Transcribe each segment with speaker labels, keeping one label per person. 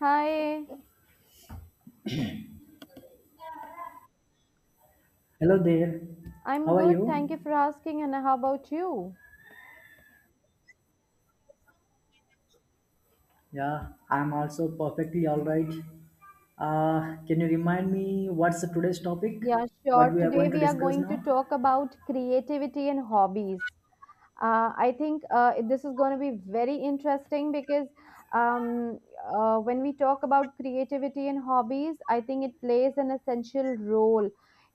Speaker 1: Hi,
Speaker 2: Hello there.
Speaker 1: I'm
Speaker 2: How are
Speaker 1: good. Thank you
Speaker 2: you?
Speaker 1: for asking. And how about you?
Speaker 2: Yeah, I'm also perfectly all right. Can you remind me what's the today's topic?
Speaker 1: Yeah,
Speaker 2: What
Speaker 1: sure.
Speaker 2: we are
Speaker 1: Today
Speaker 2: going to
Speaker 1: we are
Speaker 2: discuss
Speaker 1: going to
Speaker 2: now?
Speaker 1: talk about creativity and hobbies. I think this is going to be very interesting because um, when we talk about creativity and hobbies, I think it plays an essential role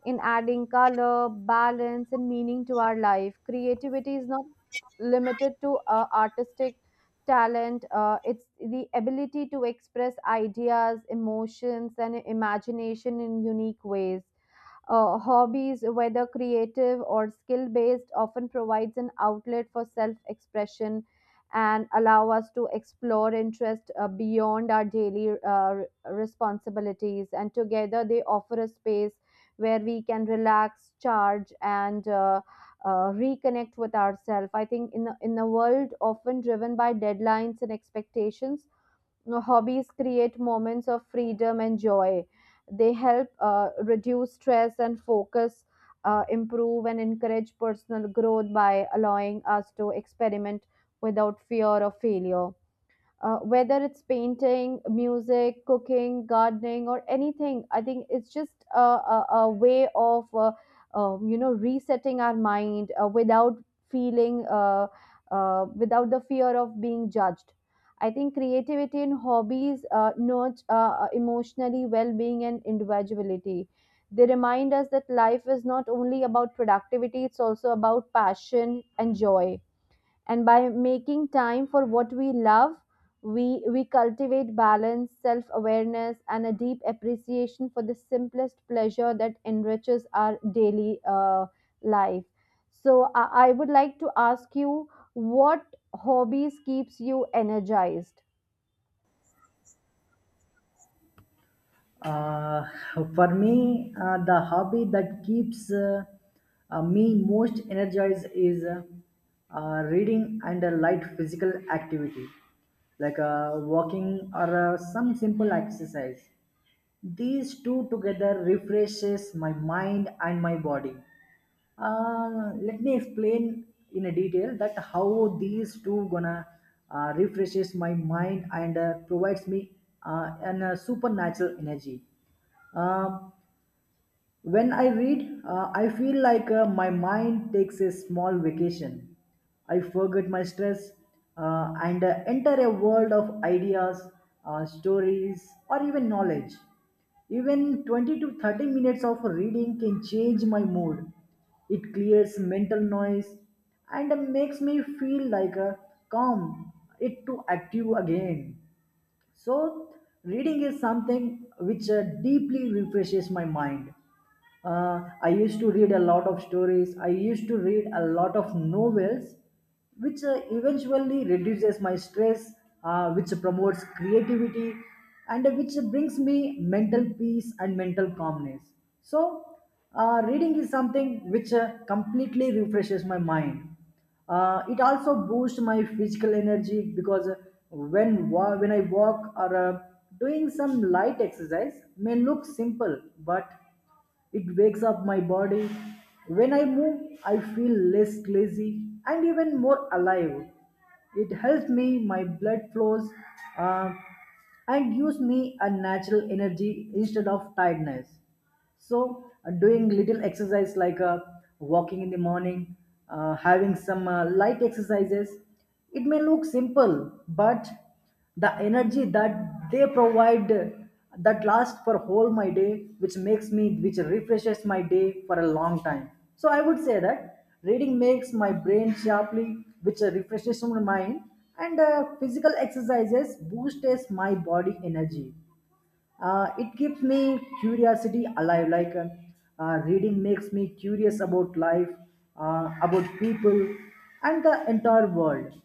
Speaker 1: in adding color, balance, and meaning to our life. Creativity is not limited to artistic talent. It's the ability to express ideas, emotions, and imagination in unique ways. Hobbies, whether creative or skill based, often provides an outlet for self expression and allow us to explore interest beyond our daily responsibilities. And together, they offer a space where we can relax, charge, and reconnect with ourselves. I think in the world often driven by deadlines and expectations, hobbies create moments of freedom and joy. They help reduce stress and focus, improve and encourage personal growth by allowing us to experiment without fear of failure. Whether it's painting, music, cooking, gardening, or anything, I think it's just a way of, you know, resetting our mind without feeling, uh, without the fear of being judged. I think creativity in hobbies nurture emotionally well-being and individuality. They remind us that life is not only about productivity; it's also about passion and joy, and by making time for what we love, we cultivate balance, self awareness, and a deep appreciation for the simplest pleasure that enriches our daily life. So I would like to ask you, what hobbies keeps you energized?
Speaker 2: Uh, for me, the hobby that keeps me most energized is reading and a light physical activity, like walking or some simple exercise. These two together refreshes my mind and my body. Let me explain in a detail that how these two gonna refreshes my mind and provides me an supernatural energy. Um, when I read, I feel like my mind takes a small vacation. I forget my stress and enter a world of ideas, stories, or even knowledge. Even 20 to 30 minutes of reading can change my mood. It clears mental noise and makes me feel like a calm, it to active again. So, reading is something which deeply refreshes my mind. I used to read a lot of stories, I used to read a lot of novels, which eventually reduces my stress, which promotes creativity, and which brings me mental peace and mental calmness. So, reading is something which completely refreshes my mind. It also boosts my physical energy because when I walk or doing some light exercise may look simple, but it wakes up my body. When I move, I feel less lazy and even more alive. It helps me my blood flows uh, and gives me a natural energy instead of tiredness. So doing little exercise like walking in the morning, having some light exercises, it may look simple but the energy that they provide, that lasts for whole my day, which makes me which refreshes my day for a long time. So I would say that reading makes my brain sharply, which refreshes my mind, and physical exercises boosts my body energy. It keeps me curiosity alive, like reading makes me curious about life, about people and the entire world.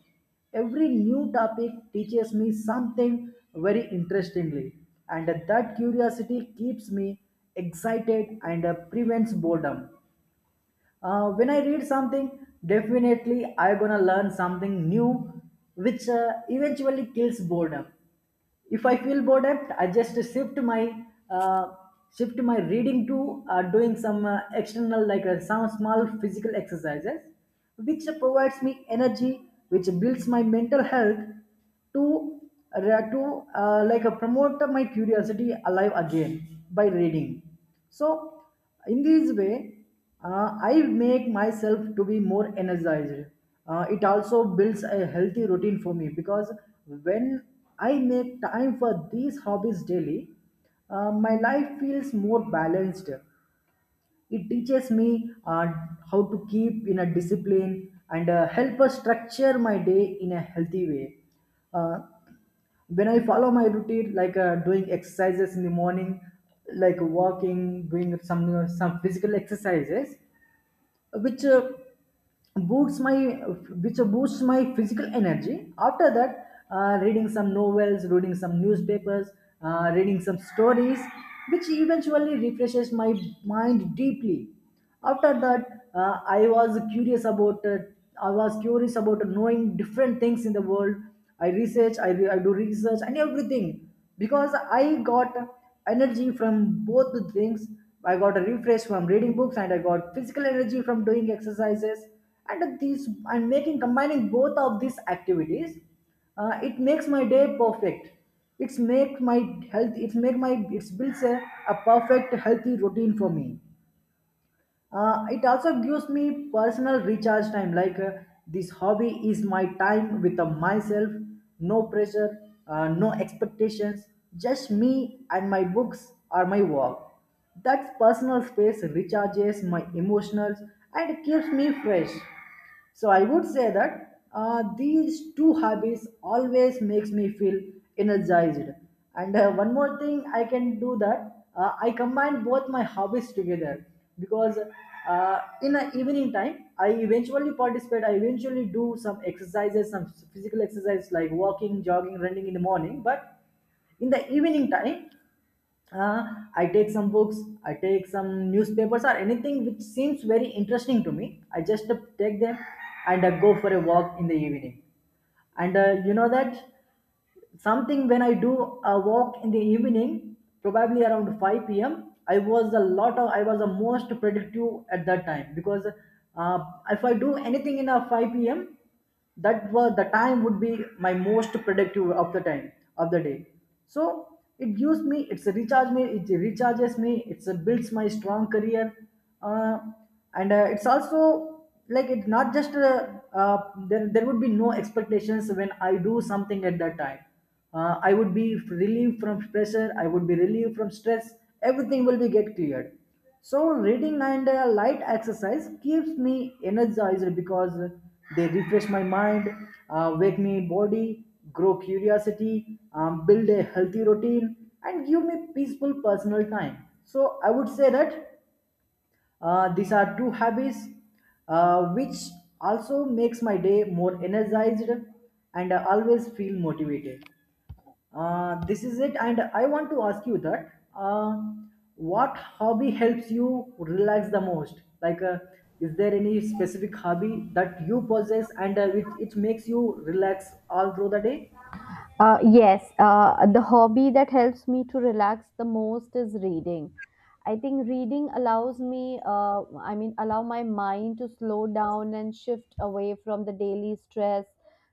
Speaker 2: Every new topic teaches me something very interestingly, and that curiosity keeps me excited and prevents boredom. When I read something, definitely I gonna learn something new, which eventually kills boredom. If I feel bored at I just uh, shift my reading to doing some external, like some small physical exercises, which provides me energy, which builds my mental health to uh, to like promote my curiosity alive again by reading. So in this way, I make myself to be more energized. It also builds a healthy routine for me because when I make time for these hobbies daily, my life feels more balanced. It teaches me how to keep in a discipline and help us structure my day in a healthy way. Uh, when I follow my routine, like doing exercises in the morning, like walking, doing some physical exercises, which boosts my which boosts my physical energy. After that, reading some novels, reading some newspapers, reading some stories, which eventually refreshes my mind deeply. After that, uh, i was curious about uh, I was curious about knowing different things in the world. I do research and everything, because I got energy from both the things. I got a refresh from reading books, and I got physical energy from doing exercises. And these and making combining both of these activities, it makes my day perfect. It's make my health it's make my it's builds a perfect healthy routine for me. It also gives me personal recharge time, like this hobby is my time with myself. No pressure, no expectations, just me and my books or my walk. That personal space recharges my emotions and keeps me fresh. So I would say that these two hobbies always makes me feel energized. And one more thing I can do, that I combine both my hobbies together, because in the evening time, I eventually do some exercises, some physical exercise, like walking, jogging, running in the morning, but in the evening time, uh, I take some books, I take some newspapers or anything which seems very interesting to me. I just take them and go for a walk in the evening. And you know that something, when I do a walk in the evening, probably around 5 p.m. I was a lot of I was the most productive at that time, because uh, if I do anything in a 5 p.m., that was the time would be my most productive of the time of the day. So it gives me, it recharges me, it's a builds my strong career, uh, and it's also, like, it's not just uh, there would be no expectations when I do something at that time. I would be relieved from pressure, I would be relieved from stress. Everything will be get cleared. So reading and light exercise keeps me energized, because they refresh my mind, wake me body, grow curiosity, build a healthy routine, and give me peaceful personal time. So I would say that these are two hobbies which also makes my day more energized, and I always feel motivated. This is it, and I want to ask you that what hobby helps you relax the most? Like, is there any specific hobby that you possess and which it makes you relax all through the day?
Speaker 1: Yes, the hobby that helps me to relax the most is reading. I think reading allows me, I mean, allow my mind to slow down and shift away from the daily stress,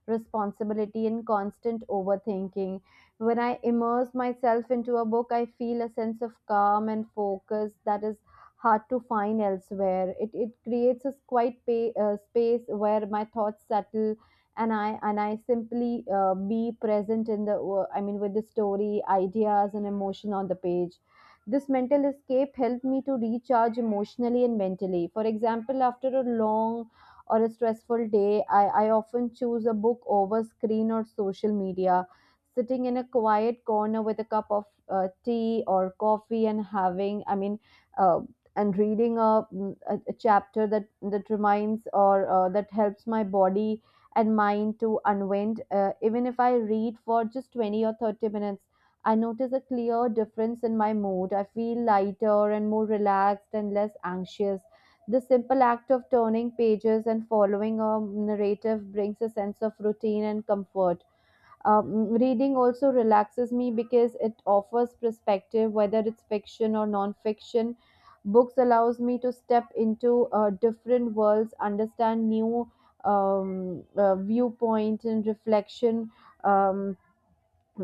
Speaker 1: responsibility, and constant overthinking. When I immerse myself into a book, I feel a sense of calm and focus that is hard to find elsewhere. It creates a quiet space where my thoughts settle and I simply be present in the I mean with the story, ideas, and emotion on the page. This mental escape helped me to recharge emotionally and mentally. For example, after a long or a stressful day, I often choose a book over screen or social media, sitting in a quiet corner with a cup of tea or coffee, and having, I mean, uh, and reading a chapter that reminds or that helps my body and mind to unwind. Even if I read for just 20 or 30 minutes, I notice a clear difference in my mood. I feel lighter and more relaxed and less anxious. The simple act of turning pages and following a narrative brings a sense of routine and comfort. Reading also relaxes me because it offers perspective. Whether it's fiction or non-fiction, books allows me to step into different worlds, understand new viewpoint and reflection. Um,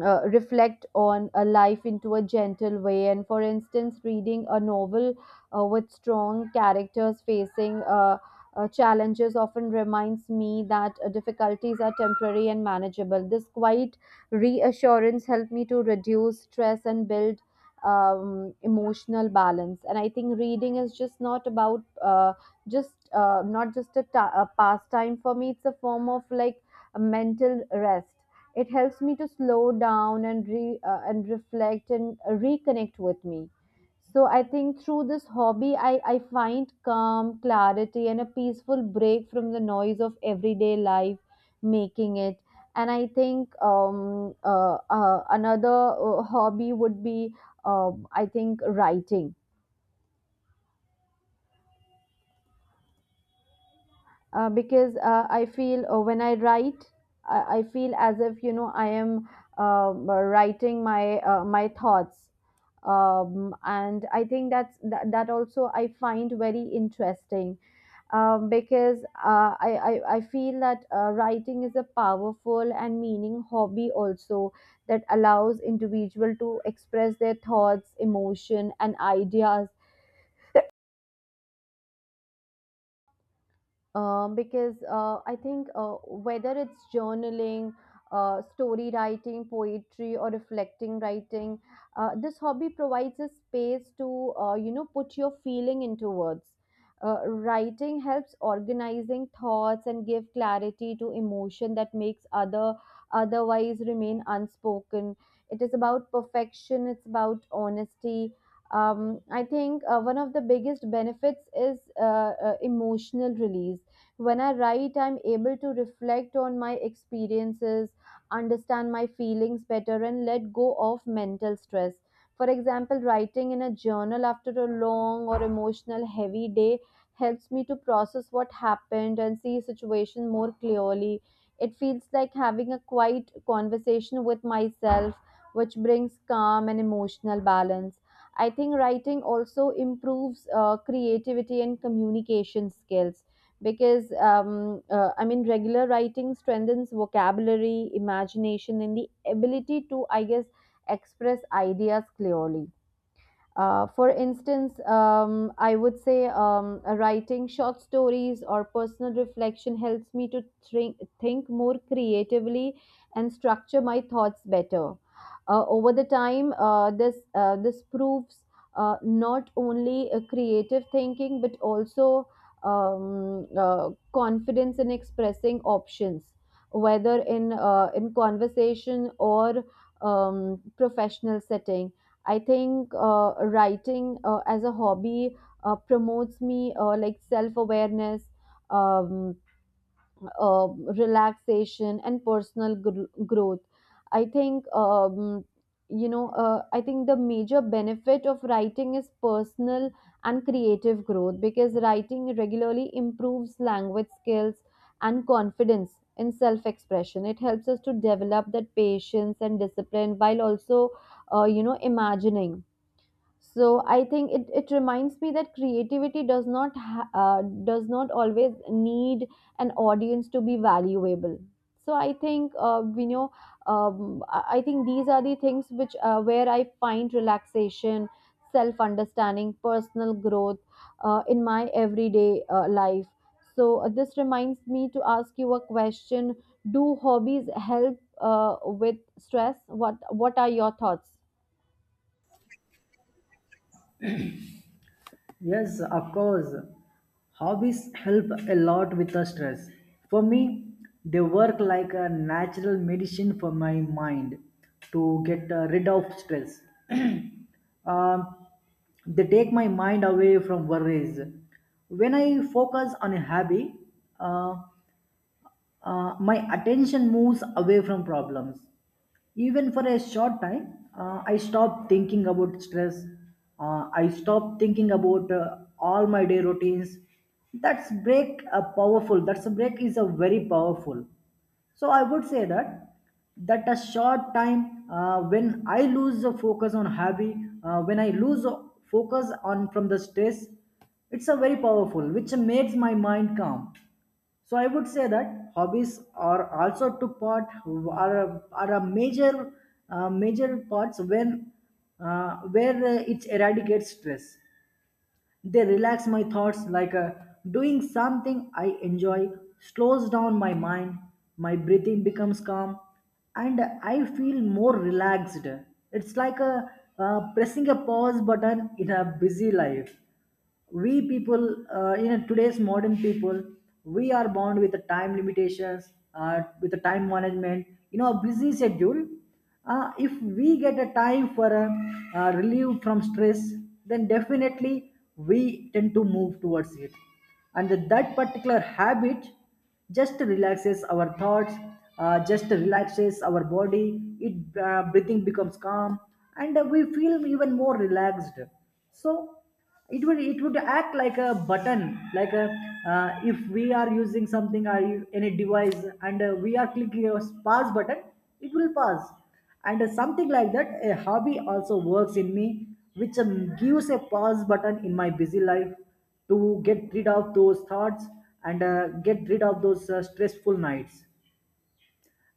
Speaker 1: Reflect on a life into a gentle way, and for instance, reading a novel with strong characters facing challenges often reminds me that difficulties are temporary and manageable. This quiet reassurance helped me to reduce stress and build emotional balance. And I think reading is just not about just not just a pastime for me, it's a form of like a mental rest. It helps me to slow down and and reflect and reconnect with me. So I think through this hobby, I find calm, clarity, and a peaceful break from the noise of everyday life, making it. And I think another hobby would be, I think, writing. Because I feel when I write, I feel as if, you know, I am writing my my thoughts. And I think that also I find very interesting, because I feel that writing is a powerful and meaning hobby also, that allows individual to express their thoughts, emotion, and ideas, because I think, whether it's journaling, story writing, poetry, or reflecting writing, this hobby provides a space to, you know, put your feeling into words. Writing helps organizing thoughts and give clarity to emotion that makes otherwise remain unspoken. It is about perfection. It's about honesty. I think, one of the biggest benefits is emotional release. When I write, I'm able to reflect on my experiences, understand my feelings better, and let go of mental stress. For example, writing in a journal after a long or emotional heavy day helps me to process what happened and see situation more clearly. It feels like having a quiet conversation with myself, which brings calm and emotional balance. I think writing also improves creativity and communication skills, because I mean, regular writing strengthens vocabulary, imagination, and the ability to, I guess, express ideas clearly. For instance, I would say, writing short stories or personal reflection helps me to think more creatively and structure my thoughts better. Over the time, this proves not only a creative thinking, but also confidence in expressing options, whether in conversation or um, professional setting. I think, writing as a hobby promotes me like self awareness, um, uh, relaxation, and personal growth. I think, you know. I think the major benefit of writing is personal and creative growth, because writing regularly improves language skills and confidence in self-expression. It helps us to develop that patience and discipline while also, you know, imagining. So I think it reminds me that creativity does not ha- does not always need an audience to be valuable. So I think, I think these are the things which, where I find relaxation, self understanding, personal growth, in my everyday life. So this reminds me to ask you a question: do hobbies help uh, with stress? What are your thoughts?
Speaker 2: Yes, of course. Hobbies help a lot with the stress. For me, they work like a natural medicine for my mind to get rid of stress. Um, they take my mind away from worries. When I focus on a hobby, uh, my attention moves away from problems, even for a short time. I stopped thinking about stress, I stopped thinking about all my day routines. That's break a powerful, that's a break is a very powerful. So I would say that that a short time, when I lose the focus on hobby, when I lose focus on from the stress, it's a very powerful which makes my mind calm. So I would say that hobbies are also took part, are a major major parts when where it eradicates stress. They relax my thoughts, like doing something I enjoy slows down my mind. My breathing becomes calm, and I feel more relaxed. It's like a pressing a pause button in a busy life. We people, you know, today's modern people, we are bound with the time limitations, with the time management, you know, a busy schedule. If we get a time for a relief from stress, then definitely we tend to move towards it. And that particular habit just relaxes our thoughts, just relaxes our body, it breathing becomes calm and we feel even more relaxed. So it would act like a button, like a, if we are using something or any device, and we are clicking a pause button, it will pause. And something like that, a hobby also works in me, which gives a pause button in my busy life to get rid of those thoughts and get rid of those stressful nights.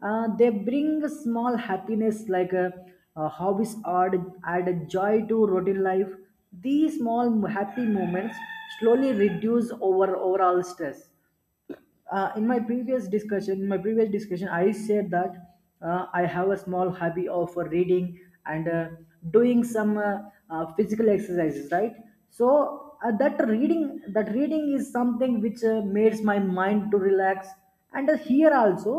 Speaker 2: They bring a small happiness, like a hobbies add a joy to routine life. These small happy moments slowly reduce overall stress. In my previous discussion I said that I have a small hobby of reading and doing some physical exercises, right? So that reading is something which makes my mind to relax. And here also,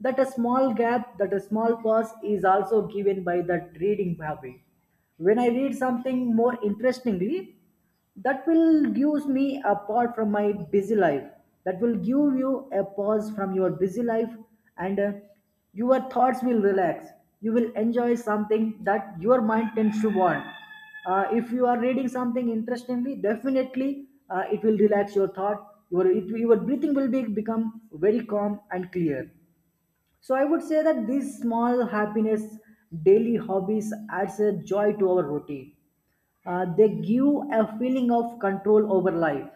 Speaker 2: that a small pause is also given by that reading hobby. When I read something more interestingly, that will gives me a apart from my busy life, that will give you a pause from your busy life, and your thoughts will relax, you will enjoy something that your mind tends to want. If you are reading something interestingly, definitely it will relax your thought, your breathing will be, become very calm and clear. So I would say that these small happiness daily hobbies adds a joy to our routine. They give a feeling of control over life.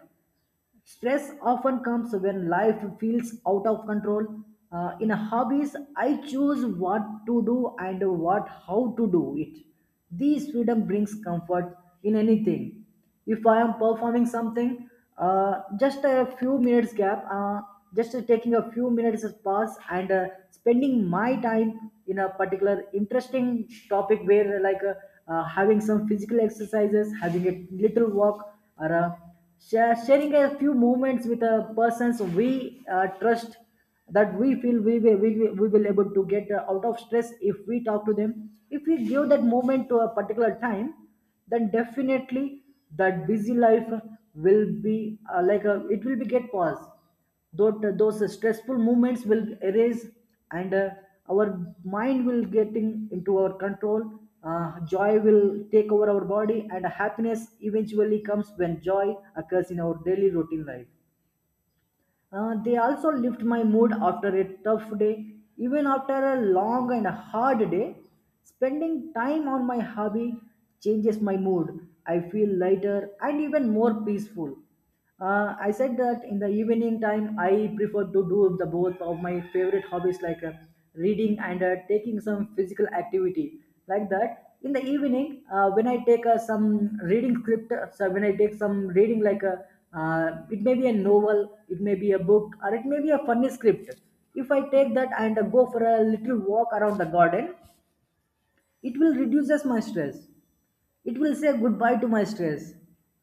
Speaker 2: Stress often comes when life feels out of control. In hobbies, I choose what to do and what how to do it. This freedom brings comfort in anything. If I am performing something, just a few minutes gap, just taking a few minutes as pass and spending my time in a particular interesting topic where having some physical exercises, having a little walk, or sharing a few moments with a persons we trust that we feel we will able to get out of stress if we talk to them, if we give that moment to a particular time, then definitely that busy life will be it will be get paused. Those stressful movements will erase, and our mind will getting into our control. Joy will take over our body, and happiness eventually comes when joy occurs in our daily routine life. They also lift my mood after a tough day. Even after a long and hard day, spending time on my hobby changes my mood. I feel lighter and even more peaceful. I said that in the evening time, I prefer to do the both of my favorite hobbies like reading and taking some physical activity like that. In the evening, when I take some reading script, so when I take some reading like a, it may be a novel, it may be a book, or it may be a funny script. If I take that and go for a little walk around the garden, it will reduces my stress, it will say goodbye to my stress.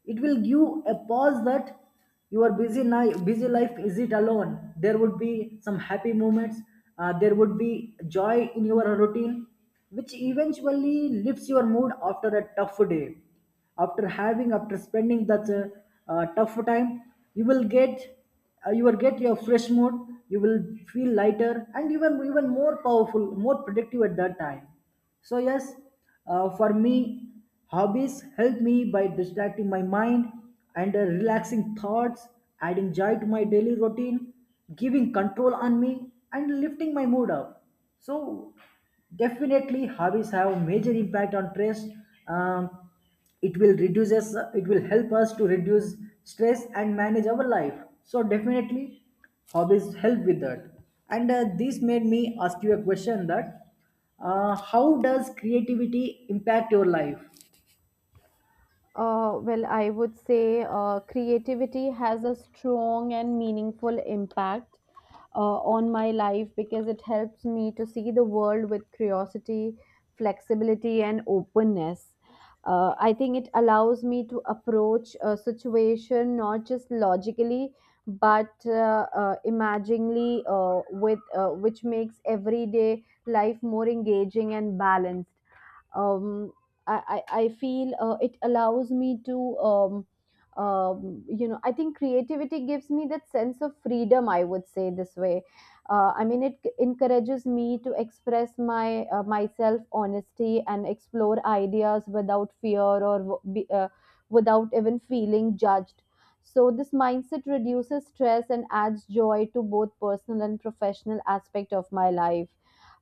Speaker 2: It will give a pause that your busy life isn't alone. There would be some happy moments, there would be joy in your routine, which eventually lifts your mood after a tough day. After spending that tough time, you will get you will get your fresh mood, you will feel lighter and even more powerful, more productive at that time. So, yes, for me, hobbies help me by distracting my mind and relaxing thoughts, adding joy to my daily routine, giving control on me, and lifting my mood up. So, definitely, hobbies have a major impact on stress. Um, it will help us to reduce stress and manage our life. So, definitely, hobbies help with that. And This made me ask you a question that how does creativity impact your life?
Speaker 1: Well, I would say creativity has a strong and meaningful impact on my life, because it helps me to see the world with curiosity, flexibility, and openness. I think it allows me to approach a situation not just logically, but imaginingly, with which makes everyday life more engaging and balanced. um, I feel it allows me to you know, I think creativity gives me that sense of freedom, I would say this way. I mean, it encourages me to express my, myself honesty, and explore ideas without fear or without even feeling judged. So this mindset reduces stress and adds joy to both personal and professional aspect of my life.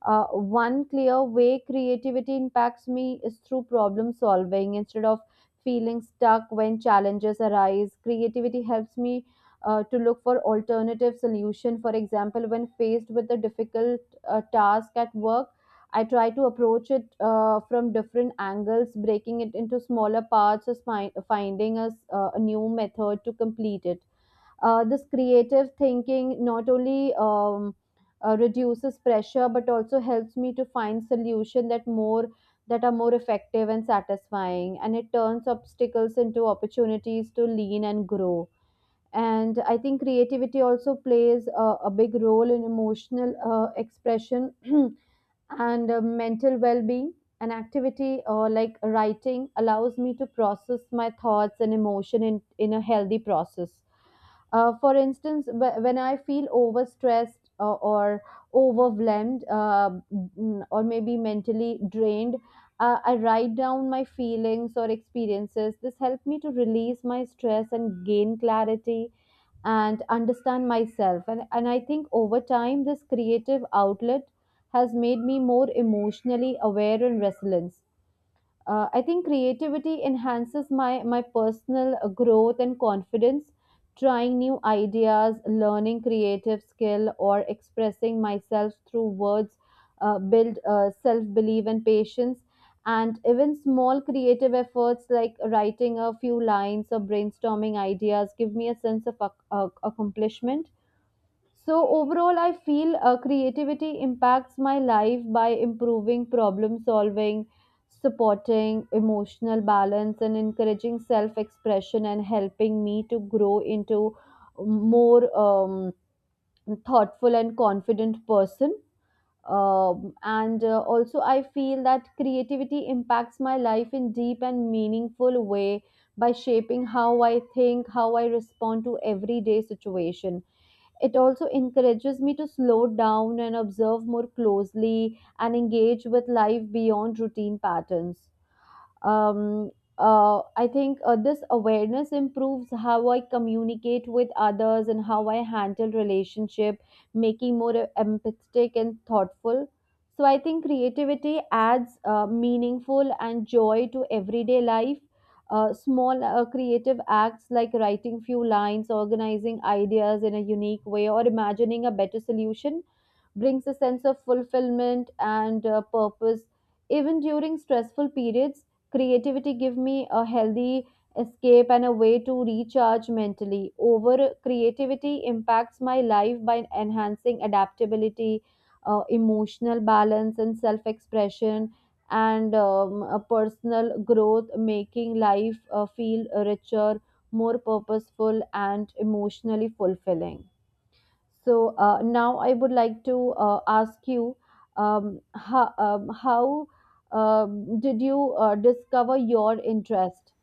Speaker 1: uh, One clear way creativity impacts me is through problem solving. Instead of feeling stuck when challenges arise, creativity helps me to look for alternative solution. For example, when faced with a difficult task at work, I try to approach it from different angles, breaking it into smaller parts, or finding a new method to complete it. This creative thinking not only reduces pressure, but also helps me to find solution that are more effective and satisfying, and it turns obstacles into opportunities to lean and grow. And I think creativity also plays a big role in emotional expression and mental well-being. An activity like writing allows me to process my thoughts and emotion in a healthy process. Uh, for instance, when I feel overstressed or overwhelmed, or maybe mentally drained, I write down my feelings or experiences. This helped me to release my stress and gain clarity and understand myself. And I think over time, this creative outlet has made me more emotionally aware and resilient. I think creativity enhances my personal growth and confidence. Trying new ideas, learning creative skill, or expressing myself through words build self belief and patience. And even small creative efforts like writing a few lines or brainstorming ideas give me a sense of accomplishment. So overall, I feel creativity impacts my life by improving problem solving, supporting emotional balance, and encouraging self expression, and helping me to grow into more thoughtful and confident person. And also, I feel that creativity impacts my life in deep and meaningful way by shaping how I think, how I respond to everyday situation. It also encourages me to slow down and observe more closely and engage with life beyond routine patterns. um, I think this awareness improves how I communicate with others and how I handle relationship, making more empathetic and thoughtful. So I think creativity adds meaningful and joy to everyday life. Small creative acts like writing few lines, organizing ideas in a unique way, or imagining a better solution brings a sense of fulfillment and purpose. Even during stressful periods, creativity give me a healthy escape and a way to recharge mentally. Over, creativity impacts my life by enhancing adaptability, emotional balance, and self expression, and a personal growth, making life feel richer, more purposeful, and emotionally fulfilling. So now I would like to ask you, how did you discover your interest?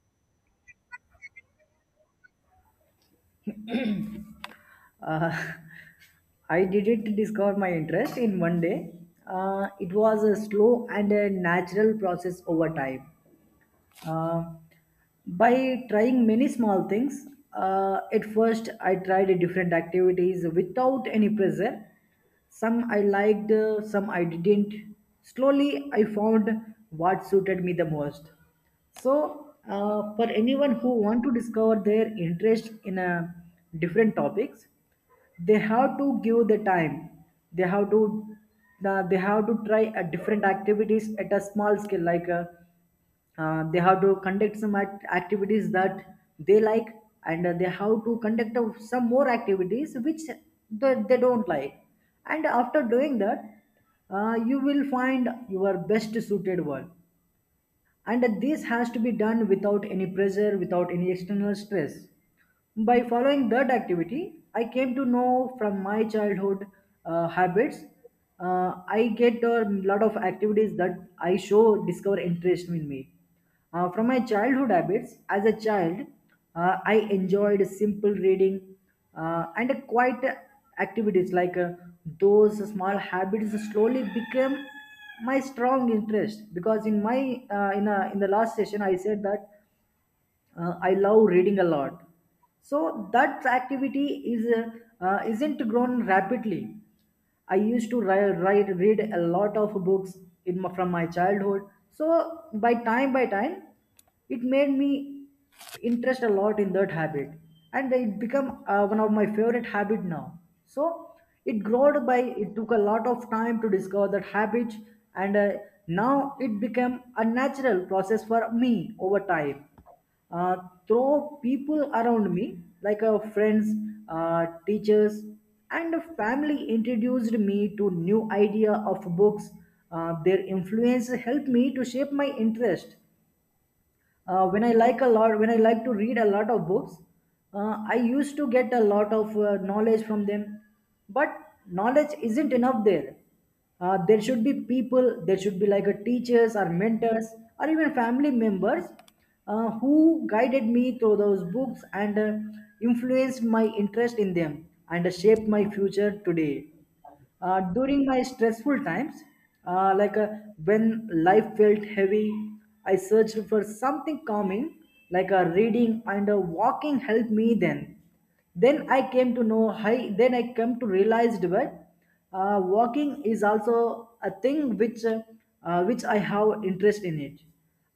Speaker 2: Uh, I didn't discover my interest in one day. It was a slow and a natural process over time. Uh, by trying many small things, at first I tried different activities without any pressure. Some I liked, some I didn't. Slowly I found what suited me the most. So, for anyone who want to discover their interest in a different topics, they have to give the time. They have to they have to try a different activities at a small scale, like they have to conduct some activities that they like, and they have to conduct of some more activities which they don't like. And after doing that, you will find your best suited work, and this has to be done without any pressure, without any external stress. By following that activity, I came to know from my childhood habits. I get a lot of activities that I show discover interest in me. From my childhood habits, as a child, I enjoyed simple reading and quiet activities like those small habits slowly became my strong interest, because in my in a, in the last session I said that I love reading a lot, so that activity is isn't grown rapidly. I used to write, write read a lot of books in my, from my childhood. So, by time it made me interest a lot in that habit, and it become one of my favorite habit now. So it growed by, it took a lot of time to discover that habit. And now it became a natural process for me over time. uh, Through people around me, like friends, teachers, and family introduced me to new idea of books. Their influence helped me to shape my interest. When I like to read a lot of books, I used to get a lot of knowledge from them. But knowledge isn't enough there. There should be people, there should be like a teachers or mentors, or even family members, who guided me through those books, and influenced my interest in them, and shaped my future today. During my stressful times, uh, like uh, when life felt heavy, I searched for something calming, like a reading and a walking helped me then. Then I came to know, I, Then I came to realize that walking is also a thing which I have interest in it.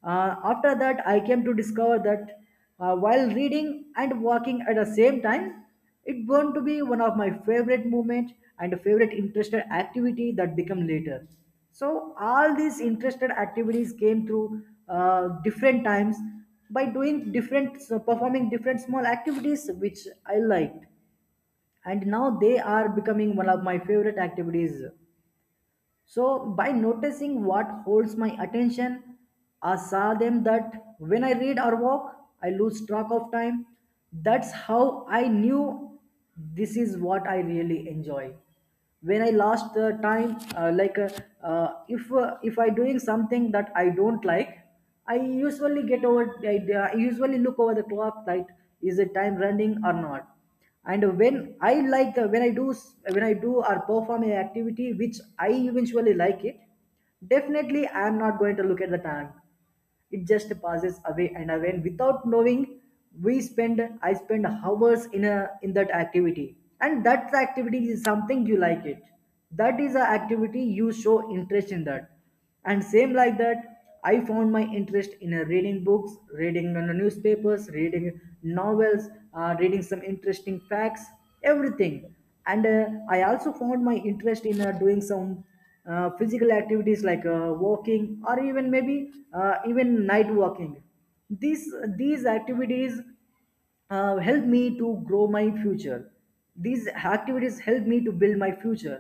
Speaker 2: After that, I came to discover that while reading and walking at the same time, it going to be one of my favorite movement and favorite interested activity that become later. So all these interested activities came through different times, by doing different, so performing different small activities which I liked, and now they are becoming one of my favorite activities. So, by noticing what holds my attention, I saw them that when I read or walk, I lose track of time. That's how I knew this is what I really enjoy. When I last time, like if If I doing something that I don't like, I usually get over. I usually look over the clock. Like, is the time running or not? And when I do, or perform an activity which I eventually like it, definitely I am not going to look at the time. It just passes away and away, and without knowing we spend I spend hours in a in that activity. And that activity is something you like it, that is a activity you show interest in that. And same like that, I found my interest in reading books, reading newspapers, reading novels, reading some interesting facts, everything. And I also found my interest in doing some physical activities like walking, or even maybe even night walking. these these activities help me to grow my future, these activities help me to build my future.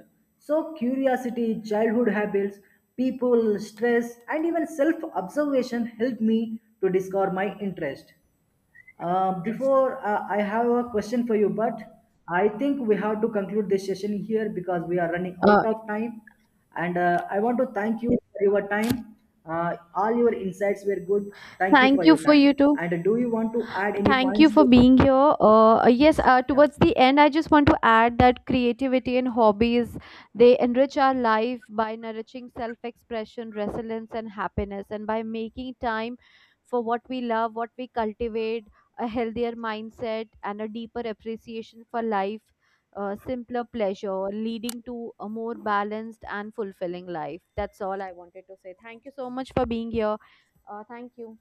Speaker 2: So, curiosity, childhood habits, people, stress, and even self observation help me to discover my interest. Before I have a question for you, but I think we have to conclude this session here because we are running
Speaker 1: Uh,
Speaker 2: out of time. And I want to thank you for your time. All your insights were good. Thank you
Speaker 1: thank
Speaker 2: for
Speaker 1: you
Speaker 2: your
Speaker 1: for you
Speaker 2: time.
Speaker 1: too.
Speaker 2: And do you want to add any
Speaker 1: Thank you
Speaker 2: points
Speaker 1: for
Speaker 2: to?
Speaker 1: being here. Yes,
Speaker 2: Yeah.
Speaker 1: towards the end, I just want to add that creativity and hobbies, they enrich our life by nourishing self-expression, resilience, and happiness, and by making time for what we love, what we cultivate, a healthier mindset, and a deeper appreciation for life, simpler pleasure, leading to a more balanced and fulfilling life. That's all I wanted to say. Thank you so much for being here. Thank you.